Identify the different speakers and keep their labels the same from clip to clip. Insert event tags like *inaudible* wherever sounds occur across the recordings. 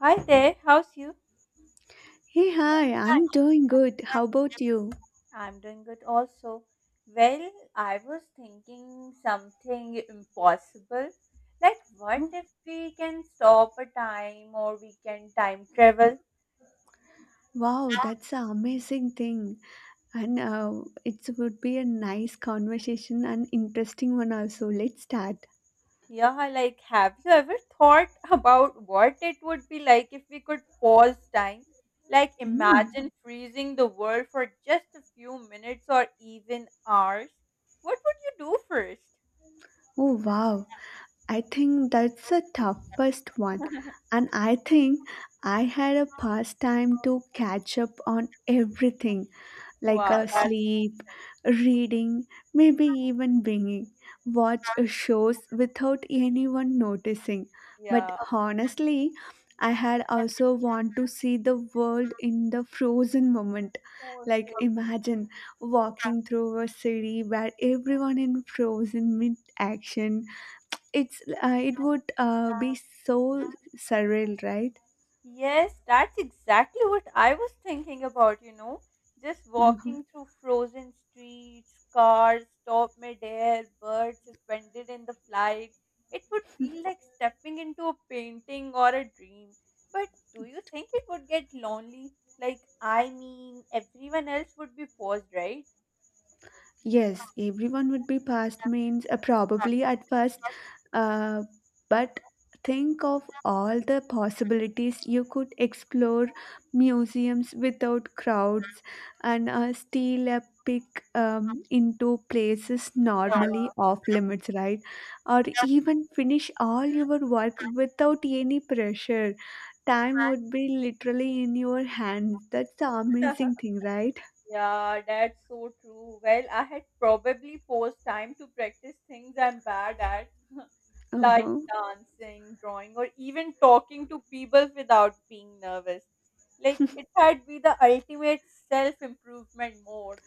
Speaker 1: Hi there, how's you?
Speaker 2: Hey, hi, I'm doing good. How about you?
Speaker 1: I'm doing good also. Well, I was thinking something impossible. Like, what
Speaker 2: Oh,
Speaker 1: if we can stop a time or we can time travel?
Speaker 2: wow, that's an amazing thing. And it would be a nice conversation and interesting one also. Let's start.
Speaker 1: Yeah, like, have you ever thought *laughs* about what it would be like if we could pause time? Like,
Speaker 2: Hmm.
Speaker 1: imagine freezing the world for just a few minutes or even hours. What would you do first?
Speaker 2: Oh, wow. I think that's the toughest one. And I think I had a pastime to catch up on everything, like
Speaker 1: Wow,
Speaker 2: a
Speaker 1: that's,
Speaker 2: sleep, reading, maybe even binging. Watch shows without anyone noticing. But
Speaker 1: yeah.
Speaker 2: honestly, I had also want to see the world
Speaker 1: *laughs*
Speaker 2: in the frozen moment. Like imagine walking through a city where everyone in frozen mid action. It would be so surreal, right?
Speaker 1: Yes, that's exactly what I was thinking about, you know. Just walking
Speaker 2: *laughs*
Speaker 1: through frozen streets, cars stop midair, birds suspended in the flight. It would feel like stepping into a painting or a dream. But do you think it would get lonely? Like, I mean, everyone else would be paused, right?
Speaker 2: Yes, everyone would be past means probably at first, uh, but think of all the possibilities you could explore museums without crowds and steal a pick into places normally off limits, right? Or even finish all your work without any pressure. Time would be literally in your hands. That's the
Speaker 1: Yeah. *laughs*
Speaker 2: amazing thing, right?
Speaker 1: Yeah, that's so true. Well, I had probably forced time to practice things I'm bad at, like
Speaker 2: Uh-huh.
Speaker 1: dancing, drawing, or even talking to people without being nervous. Like it had been the ultimate self-improvement mode.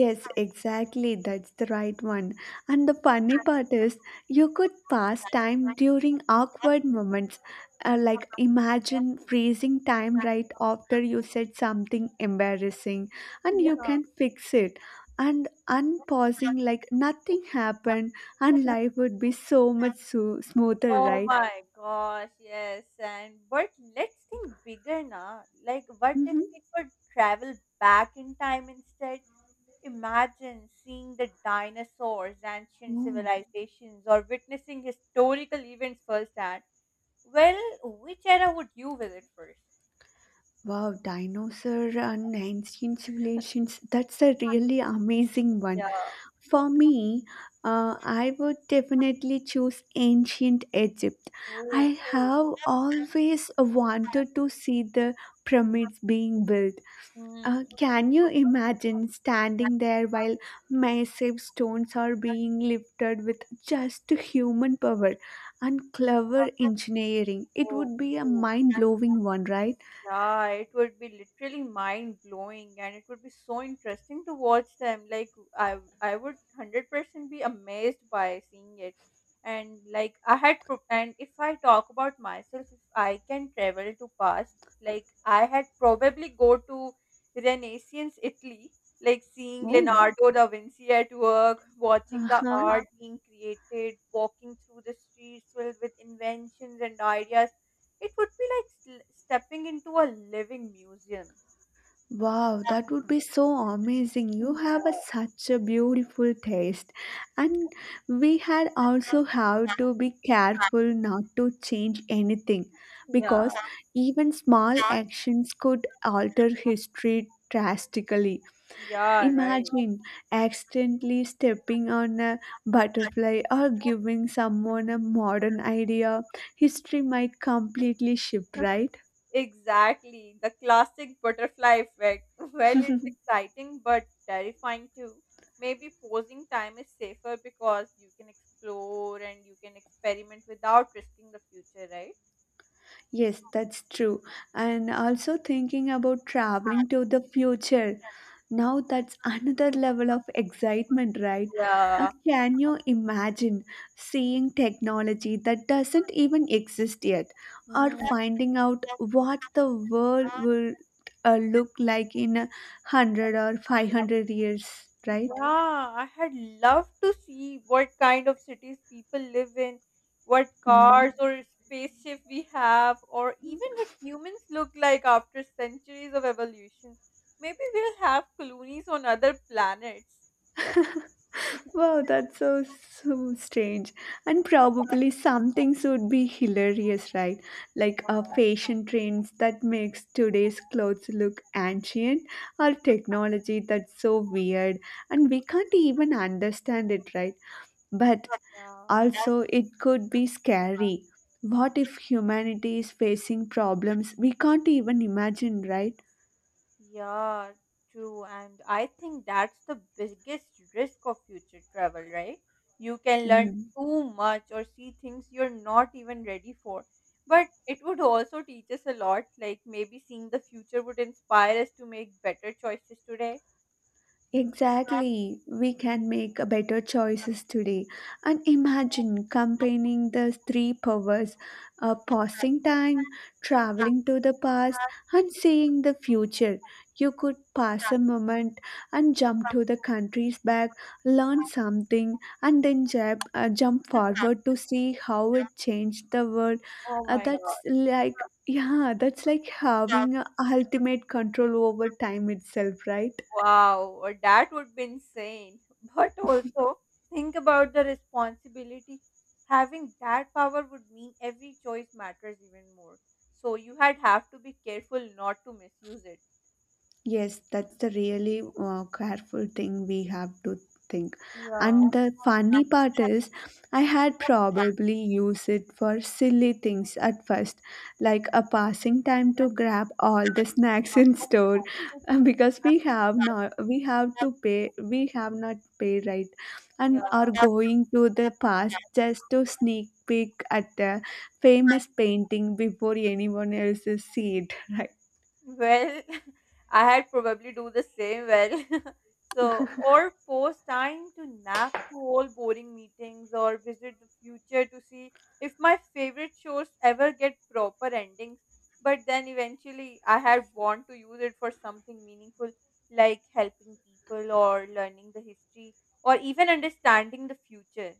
Speaker 2: Yes, exactly. That's the right one. And the funny part is, you could pass time
Speaker 1: *laughs*
Speaker 2: during awkward moments. Like, imagine freezing time right after you said something embarrassing, and you
Speaker 1: Yeah.
Speaker 2: can fix it. And unpausing, like nothing happened, and life would be so much so smoother,
Speaker 1: Oh
Speaker 2: right?
Speaker 1: my gosh, yes. And but let's think bigger now. Like what if
Speaker 2: Mm-hmm.
Speaker 1: we could travel back in time instead? Imagine seeing the dinosaurs, ancient
Speaker 2: Oh,
Speaker 1: civilizations, or witnessing historical events firsthand. Well, which era would you visit first?
Speaker 2: wow, dinosaur and ancient civilizations. That's a really amazing one.
Speaker 1: Yeah.
Speaker 2: For me, I would definitely choose ancient Egypt. I
Speaker 1: Oh.
Speaker 2: have always wanted to see the pyramids being built. Uh,
Speaker 1: Hmm.
Speaker 2: can you imagine standing
Speaker 1: *laughs*
Speaker 2: there while massive stones are being lifted with just human power and clever engineering? It
Speaker 1: Oh.
Speaker 2: would be a mind blowing one, right?
Speaker 1: Yeah, it would be literally mind blowing and it would be so interesting to watch them. Like I would 100% be amazed by seeing it. And like I had pro- And if I talk about myself, if I can travel to past, like I had probably go to Renaissance Italy, like seeing
Speaker 2: Oh,
Speaker 1: Leonardo da Vinci at work, watching the Uh-huh.
Speaker 2: uh-huh.
Speaker 1: art being created, walking through the streets filled with inventions and ideas it would be like stepping into a living museum.
Speaker 2: Wow, that would be so amazing. You have
Speaker 1: Yeah,
Speaker 2: such a beautiful taste. And we had also have to be careful not to change anything
Speaker 1: yeah,
Speaker 2: because even small actions could alter history drastically.
Speaker 1: Yeah, right.
Speaker 2: Imagine accidentally stepping on a butterfly or giving someone a modern idea. History might completely shift, right?
Speaker 1: Exactly. The classic butterfly effect. *laughs* Well, it's
Speaker 2: *laughs*
Speaker 1: exciting but terrifying too. Maybe pausing time is safer because you can explore and you can experiment without risking the future, right?
Speaker 2: Yes, that's true. And also thinking about traveling to
Speaker 1: *laughs*
Speaker 2: the future. Now that's another
Speaker 1: Hmm.
Speaker 2: level of excitement, right? Uh,
Speaker 1: Yeah.
Speaker 2: can you imagine seeing technology that doesn't even exist yet or finding out what the world
Speaker 1: Hmm.
Speaker 2: will look like in 100 or 500 years, right?
Speaker 1: Yeah, I had loved to see what kind of cities people live in, what
Speaker 2: Hmm.
Speaker 1: cars or spaceship we have, or even what humans look like after centuries of evolution. Maybe we'll have colonies on other planets. *laughs*
Speaker 2: Wow, that's so, so strange. And probably some things would be hilarious, right? Like a fashion trends that makes today's clothes look ancient or technology that's so weird and we can't even understand it, right? But
Speaker 1: Yeah.
Speaker 2: also it could be scary. What if humanity is facing problems we can't even imagine, right?
Speaker 1: Yeah, true. And I think that's the biggest risk of future travel, right? You can learn
Speaker 2: Mm.
Speaker 1: too much or see things you're not even ready for. But it would also teach us a lot. Like maybe seeing the future would inspire us to make better choices today.
Speaker 2: Exactly. We can make a better choices today. And imagine
Speaker 1: *laughs*
Speaker 2: comparing the three powers, pausing time, traveling to the past, and seeing the future. You could pass a moment and jump to the country's back, learn something, and then jump forward to see how it changed the world.
Speaker 1: Oh
Speaker 2: Uh,
Speaker 1: my
Speaker 2: that's like, yeah, that's like
Speaker 1: God.
Speaker 2: having a ultimate control over time itself, right?
Speaker 1: Wow, that would be insane. *laughs* But also, think about the responsibility. Having that power would mean every choice matters even more. So you had have to be careful not to misuse it.
Speaker 2: Yes, that's the really careful thing we have to think.
Speaker 1: Yeah.
Speaker 2: And the funny part is, I had probably used it for silly things at first, like a passing time to grab all the snacks *laughs* in store,
Speaker 1: *laughs*
Speaker 2: because we have not we have to pay we have not pay right, and
Speaker 1: Yeah.
Speaker 2: are going to the past just to sneak peek at the famous painting before anyone else sees it, *laughs* right?
Speaker 1: Well, *laughs* I had probably do the same well. *laughs* So, or force time to nap through all boring meetings or visit the future to see if my favorite shows ever get proper endings. But then eventually I had want to use it for something meaningful like helping people or learning the history or even understanding the future.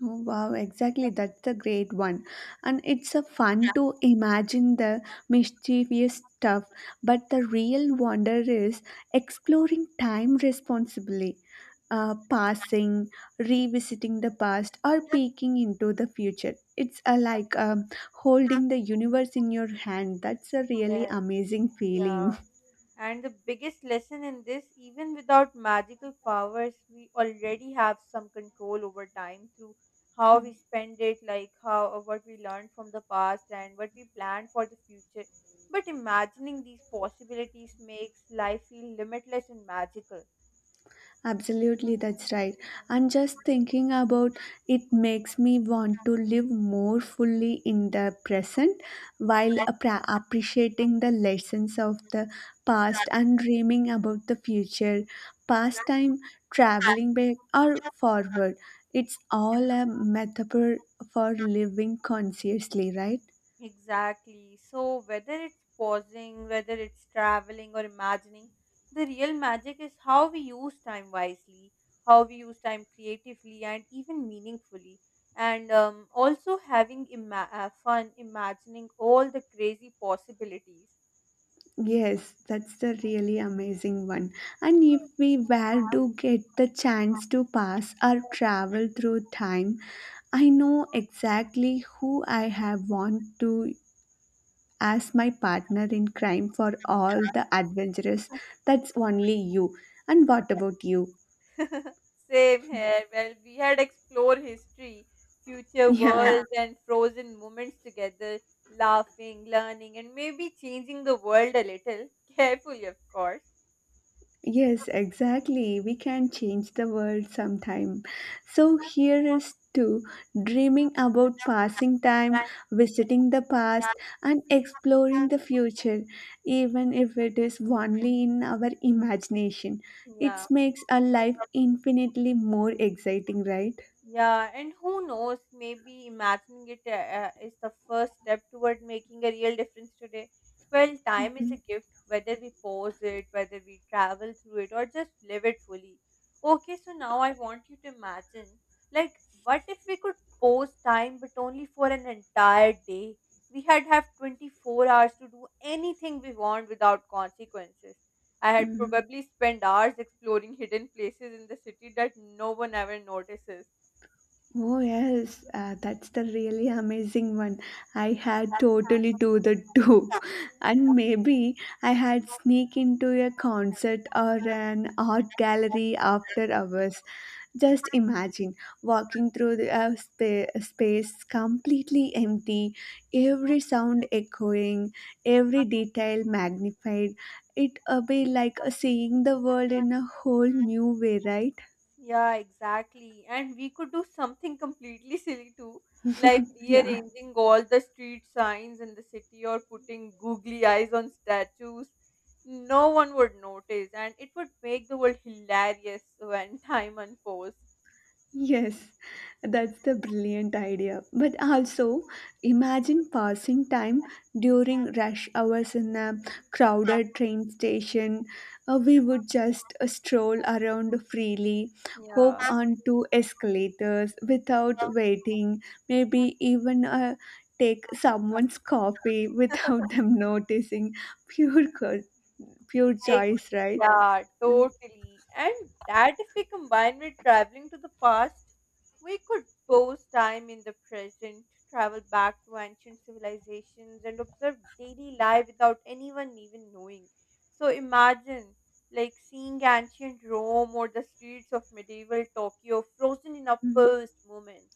Speaker 2: Oh, wow, exactly. That's a great one. And it's a fun to imagine the mischievous stuff, but the real wonder is exploring time responsibly, passing, revisiting the past, or peeking into the future. It's like holding the universe in your hand. That's a really
Speaker 1: Yeah,
Speaker 2: amazing
Speaker 1: yeah.
Speaker 2: feeling.
Speaker 1: And the biggest lesson in this, even without magical powers, we already have some control over time through how we
Speaker 2: *laughs*
Speaker 1: spend it, like how what we learned from the past and what we plan for the future. But imagining these possibilities makes life feel limitless and magical.
Speaker 2: Absolutely, that's right. And just thinking about it makes me want to live more fully in the present while appreciating the lessons of the past and dreaming about the future. Past time, traveling back or forward, it's all a metaphor for living consciously, right?
Speaker 1: Exactly. So, whether it's pausing, whether it's traveling or imagining, the real magic is how we use time wisely, how we use time creatively and even meaningfully. And also fun imagining all the crazy possibilities.
Speaker 2: Yes, that's the really amazing one. And if we were to get the chance to pass or travel through time, I know exactly who I have want to as my partner in crime for all the adventures. That's only you. And what about you?
Speaker 1: *laughs* Same here. Well, we had explored history, future
Speaker 2: *laughs*
Speaker 1: Yeah.
Speaker 2: Yeah.
Speaker 1: worlds, and frozen moments together, laughing, learning, and maybe changing the world a little. *laughs* Carefully, of course.
Speaker 2: Yes, exactly. We can change the world sometime. So here is to dreaming about passing time, visiting the past, and exploring the future, even if it is only in our imagination. It
Speaker 1: Yeah.
Speaker 2: makes our life infinitely more exciting, right?
Speaker 1: Yeah, and who knows, maybe imagining it is the first step toward making a real difference today. Well, time is a
Speaker 2: Mhm.
Speaker 1: gift, whether we pause it, whether we travel through it, or just live it fully. Okay, so now I want you to imagine like, what if we could pause time but only for an entire day? We had have 24 hours to do anything we want without consequences. I had
Speaker 2: Mhm.
Speaker 1: probably spent hours exploring hidden places in the city that no one ever notices.
Speaker 2: Oh yes, that's the really amazing one. I had totally do the too, *laughs* and maybe I had sneak into a concert or an art gallery after hours. Just imagine walking through the space completely empty, every sound echoing, every detail magnified. It would be like seeing the world in a whole new way, right?
Speaker 1: Yeah, exactly. And we could do something completely silly too, like
Speaker 2: Yeah.
Speaker 1: rearranging all the street signs in the city or putting googly eyes on statues. No one would notice, and it would make the world hilarious when *laughs* time unfolds.
Speaker 2: Yes, that's the brilliant idea. But also, imagine passing time during rush hours in a crowded train station. We would just stroll around freely, hop
Speaker 1: Yeah.
Speaker 2: onto escalators without waiting, maybe even take someone's coffee without *laughs* them noticing. Pure, pure
Speaker 1: Ex
Speaker 2: choice, right?
Speaker 1: Yeah, totally. And that if we combine with traveling to the past, we could pause time in the present, travel back to ancient civilizations, and observe daily life without anyone even knowing. So imagine like seeing ancient Rome or the streets of medieval Tokyo frozen in a
Speaker 2: Mm.
Speaker 1: past moment.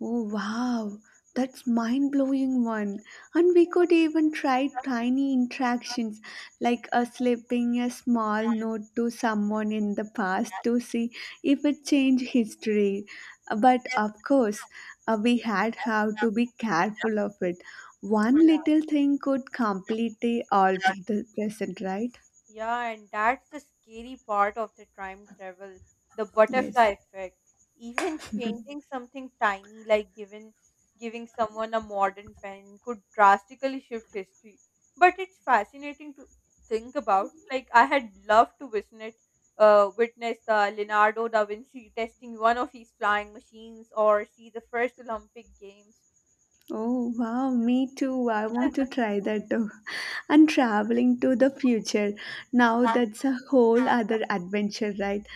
Speaker 2: Oh wow, that's mind-blowing one. And we could even try tiny interactions like slipping a small note to someone in the past to see if it changed history. But of course, we had have to be careful of it. One little thing could completely alter
Speaker 1: *laughs*
Speaker 2: the present, right?
Speaker 1: Yeah, and that's the scary part of the time travel, the
Speaker 2: Yes.
Speaker 1: butterfly effect. Even changing something tiny like giving someone a modern pen could drastically shift history. But it's fascinating to think about. Like I had loved to witness the Leonardo da Vinci testing one of his flying machines or see the first Olympic Games.
Speaker 2: Oh wow, me too. I want to
Speaker 1: *laughs*
Speaker 2: try that too. *laughs* And traveling to the future. Now that's a whole other adventure, right?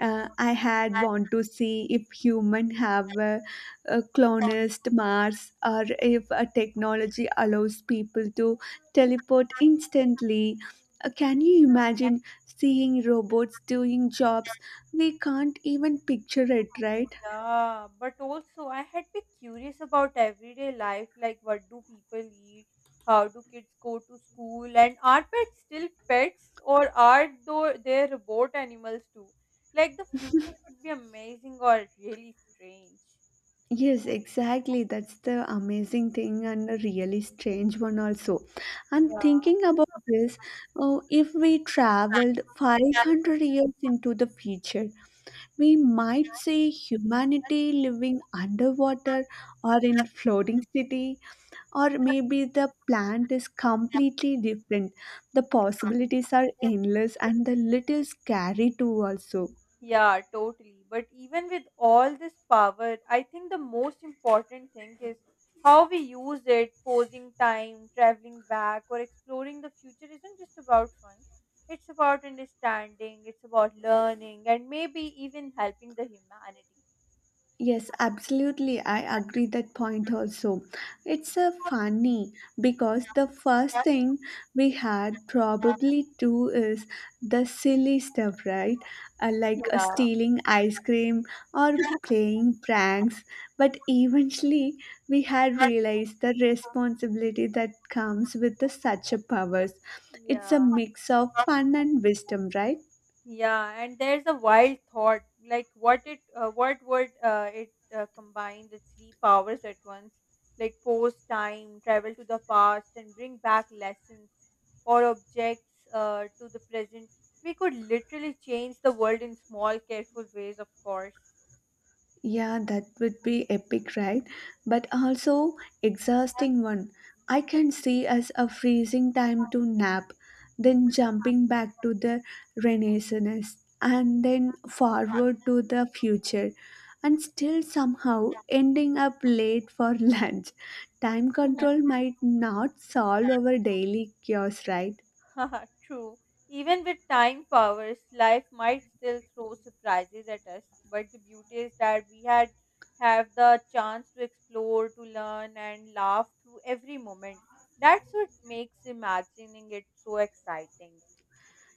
Speaker 2: I had want to see if human have a colonized Mars or if a technology allows people to teleport instantly. Can you imagine seeing robots doing jobs we can't even picture it, right?
Speaker 1: Yeah, but also I had been curious about everyday life, like what do people eat, how do kids go to school, and are pets still pets or are though they robot animals too? Like the future could be amazing or really strange.
Speaker 2: Yes, exactly. That's the amazing thing and a really strange one also. And
Speaker 1: Yeah.
Speaker 2: thinking about this, oh, if we traveled
Speaker 1: *laughs*
Speaker 2: 500 years into the future, we might see humanity living underwater or in floating city, or maybe the plant is completely different. The possibilities are endless and a little scary too also.
Speaker 1: Yeah, totally. But even with all this power, I think the most important thing is how we use it, pausing time, traveling back, or exploring the future isn't just about fun. It's about understanding, it's about learning, and maybe even helping the humanity.
Speaker 2: Yes, absolutely. I agree that point also. It's a funny because the first thing we had probably do is the silly stuff, right? Like,
Speaker 1: Yeah,
Speaker 2: stealing ice cream or playing pranks. But eventually, we had realized the responsibility that comes with the such a powers. It's
Speaker 1: yeah.
Speaker 2: a mix of fun and wisdom, right?
Speaker 1: Yeah, and there's a wild thought, like what would it combine the three powers at once, like pause time, travel to the past, and bring back lessons or objects to the present. We could literally change the world in small, careful ways, of course. *laughs*
Speaker 2: Yeah, that would be epic, right? But also exhausting one. I can see as a freezing time to nap, then jumping back to the Renaissance, and then forward to the future, and still somehow ending up late for *laughs* lunch. Time
Speaker 1: Mhm.
Speaker 2: control might not solve our daily chaos, right?
Speaker 1: *laughs* Haha, True. Even with time powers, life might still throw surprises at us, but the beauty is that we had have the chance to explore, to learn and laugh through every moment. That's what makes imagining it so exciting.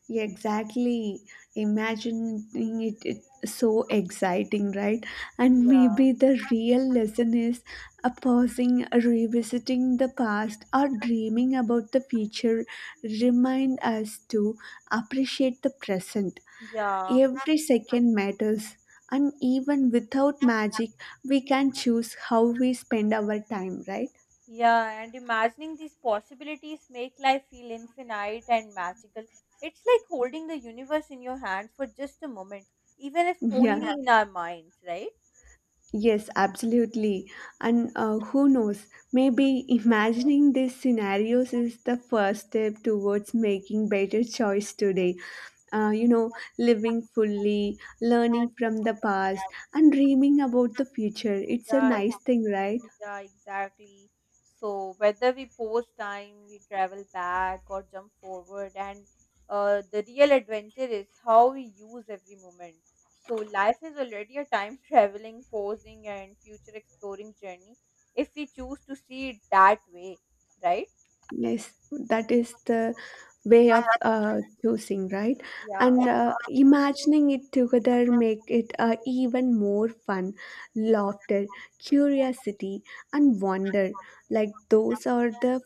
Speaker 2: Yeah, exactly. Imagining it, it's so exciting, right? And
Speaker 1: Yeah.
Speaker 2: maybe the real lesson is, pausing, revisiting the past, or dreaming about the future remind us to appreciate the present.
Speaker 1: Yeah.
Speaker 2: Every second matters. And even without magic, we can choose how we spend our time, right?
Speaker 1: Yeah, and imagining these possibilities make life feel infinite and magical. It's like holding the universe in your hands for just a moment, even if
Speaker 2: *laughs*
Speaker 1: only
Speaker 2: Yeah.
Speaker 1: Yeah. in our minds,
Speaker 2: Yes, absolutely. And who knows, maybe imagining these scenarios is the first step towards making better choice today. Uh, you know, living fully,
Speaker 1: right?
Speaker 2: learning from the past, and dreaming about the future. It's a
Speaker 1: Yeah,
Speaker 2: nice thing, right?
Speaker 1: yeah, exactly. So whether we pause time, we travel back or jump forward, and the real adventure is how we use every moment. So life is already a time *laughs* traveling, pausing, and future exploring journey if we choose to see it that way, right?
Speaker 2: Yes, that is the way of choosing, right?
Speaker 1: Yeah.
Speaker 2: And imagining it together make it even more fun. Laughter, curiosity, and wonder, like those are the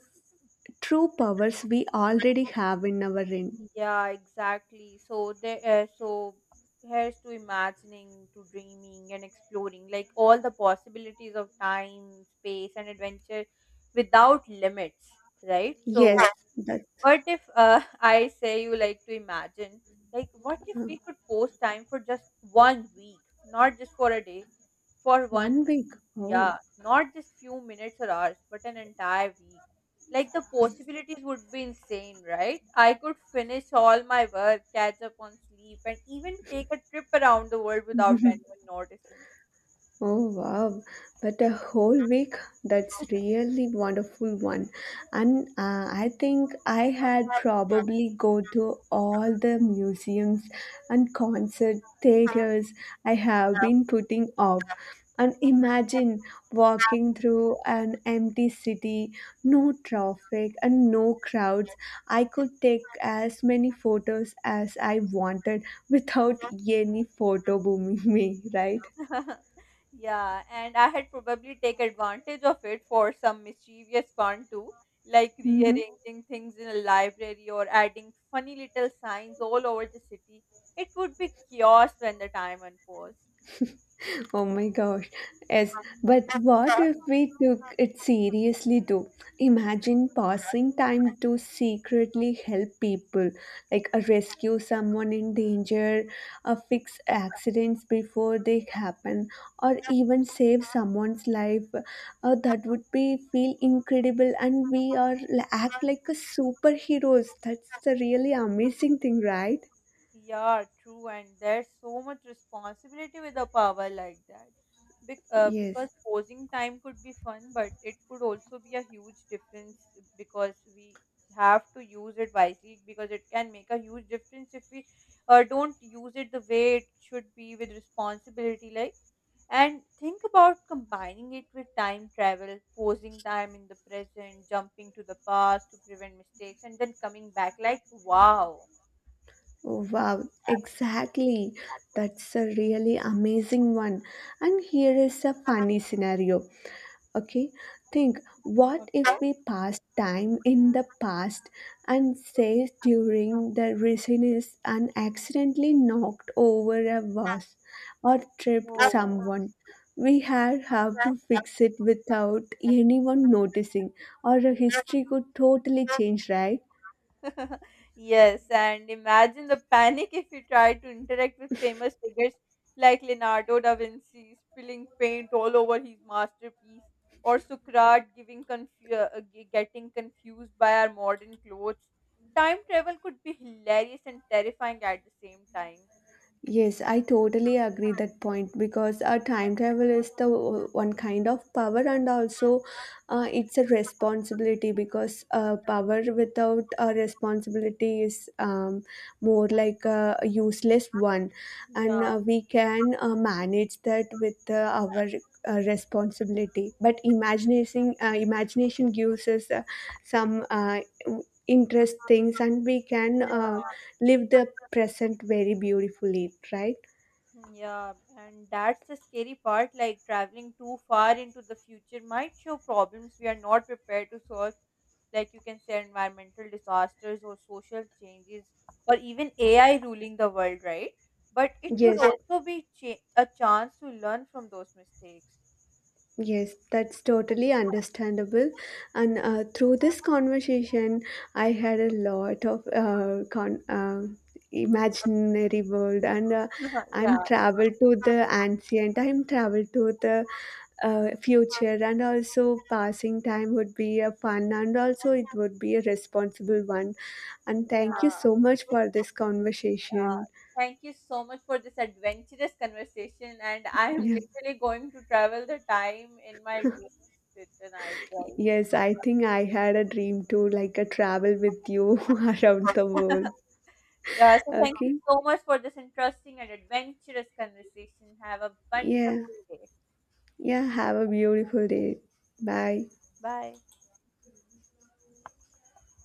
Speaker 2: true powers we already have in our in.
Speaker 1: Yeah, exactly. So here's to imagining, to dreaming and exploring, like all the possibilities of time, space, and adventure without limits, right? So,
Speaker 2: Yes, that's
Speaker 1: what if *laughs* I say you like to imagine, like, what if
Speaker 2: uh,
Speaker 1: we could post time for just 1 week, not just for a day, for one
Speaker 2: one week. Oh.
Speaker 1: yeah, not just few minutes or hours, but an entire week. Like the possibilities would be insane, right? I could finish all my work, catch up on sleep, and even take a trip around the world without
Speaker 2: *laughs*
Speaker 1: anyone noticing.
Speaker 2: Oh wow, but a whole week that's really wonderful one. And I think I had probably go to all the museums and concert theaters I have been putting off. And imagine walking through an empty city, no traffic and no crowds. I could take as many photos as I wanted without any photo booming *laughs* me, right?
Speaker 1: *laughs* Yeah, and I had probably take advantage of it for some mischievous fun too, like
Speaker 2: Mm-hmm.
Speaker 1: rearranging things in a library or adding funny little signs all over the city. It would be chaos when the time unfolds.
Speaker 2: Oh my gosh. Yes, but what if we took it seriously too? Imagine passing time to secretly help people, like rescue someone in danger, fix accidents before they happen, or even save someone's life. That would be feel incredible, and we are act like a superheroes. That's the really amazing thing, right?
Speaker 1: Yeah, true, and there's so much responsibility with a power like that. Because
Speaker 2: Yes.
Speaker 1: posing time could be fun, but it could also be a huge difference because we have to use it wisely because it can make a huge difference if we don't use it the way it should be with responsibility. Like, and think about combining it with time travel, posing time in the present, jumping to the past to prevent mistakes, and then coming back. Like, wow.
Speaker 2: Wow, exactly. That's a really amazing one. And here is a funny
Speaker 1: *laughs*
Speaker 2: scenario. Okay, think what if
Speaker 1: Okay.
Speaker 2: we pass time in the past and say during the resiness and accidentally knocked over a vase or tripped
Speaker 1: Oh.
Speaker 2: someone? We had have to fix it without anyone noticing, or a history
Speaker 1: *laughs*
Speaker 2: could totally change, right?
Speaker 1: Yes, and imagine the panic if you try to interact with famous figures like Leonardo da Vinci spilling paint all over his masterpiece, or Socrates getting confused by our modern clothes. Time travel could be hilarious and terrifying at the same time.
Speaker 2: Yes, I totally agree that point because a time travel is the one kind of power and also it's a responsibility because power without a responsibility is more like a useless one and
Speaker 1: Yeah.
Speaker 2: we can manage that with our responsibility but imagination gives us some interest things and we can live the present very beautifully, right?
Speaker 1: Yeah, *laughs* and that's the scary part. Like traveling too far into the future might show problems we are not prepared to solve like you can say environmental disasters or social changes or even AI ruling the world, right? But it would
Speaker 2: Yes,
Speaker 1: Yeah. also be a chance to learn from those mistakes.
Speaker 2: yes, that's totally understandable. And through this conversation, I had a lot of imaginary world, and
Speaker 1: *laughs*
Speaker 2: I'm
Speaker 1: yeah,
Speaker 2: traveled to the ancient. I'm traveled to the future, and also passing time would be a fun, and also it would be a responsible one. And thank you
Speaker 1: Yeah,
Speaker 2: so much for this
Speaker 1: yeah.
Speaker 2: conversation.
Speaker 1: Thank you so much for this adventurous conversation, and I am
Speaker 2: Yeah.
Speaker 1: literally going to travel the time in my dreams tonight, right?
Speaker 2: Yes, I think I had a dream too, like a travel with you *laughs* around the world.
Speaker 1: *laughs* Yeah, so thank you
Speaker 2: Okay.
Speaker 1: so much for this interesting and adventurous conversation. Have a
Speaker 2: Yeah.
Speaker 1: wonderful day.
Speaker 2: Yeah. Have a beautiful day. Bye.
Speaker 1: Bye.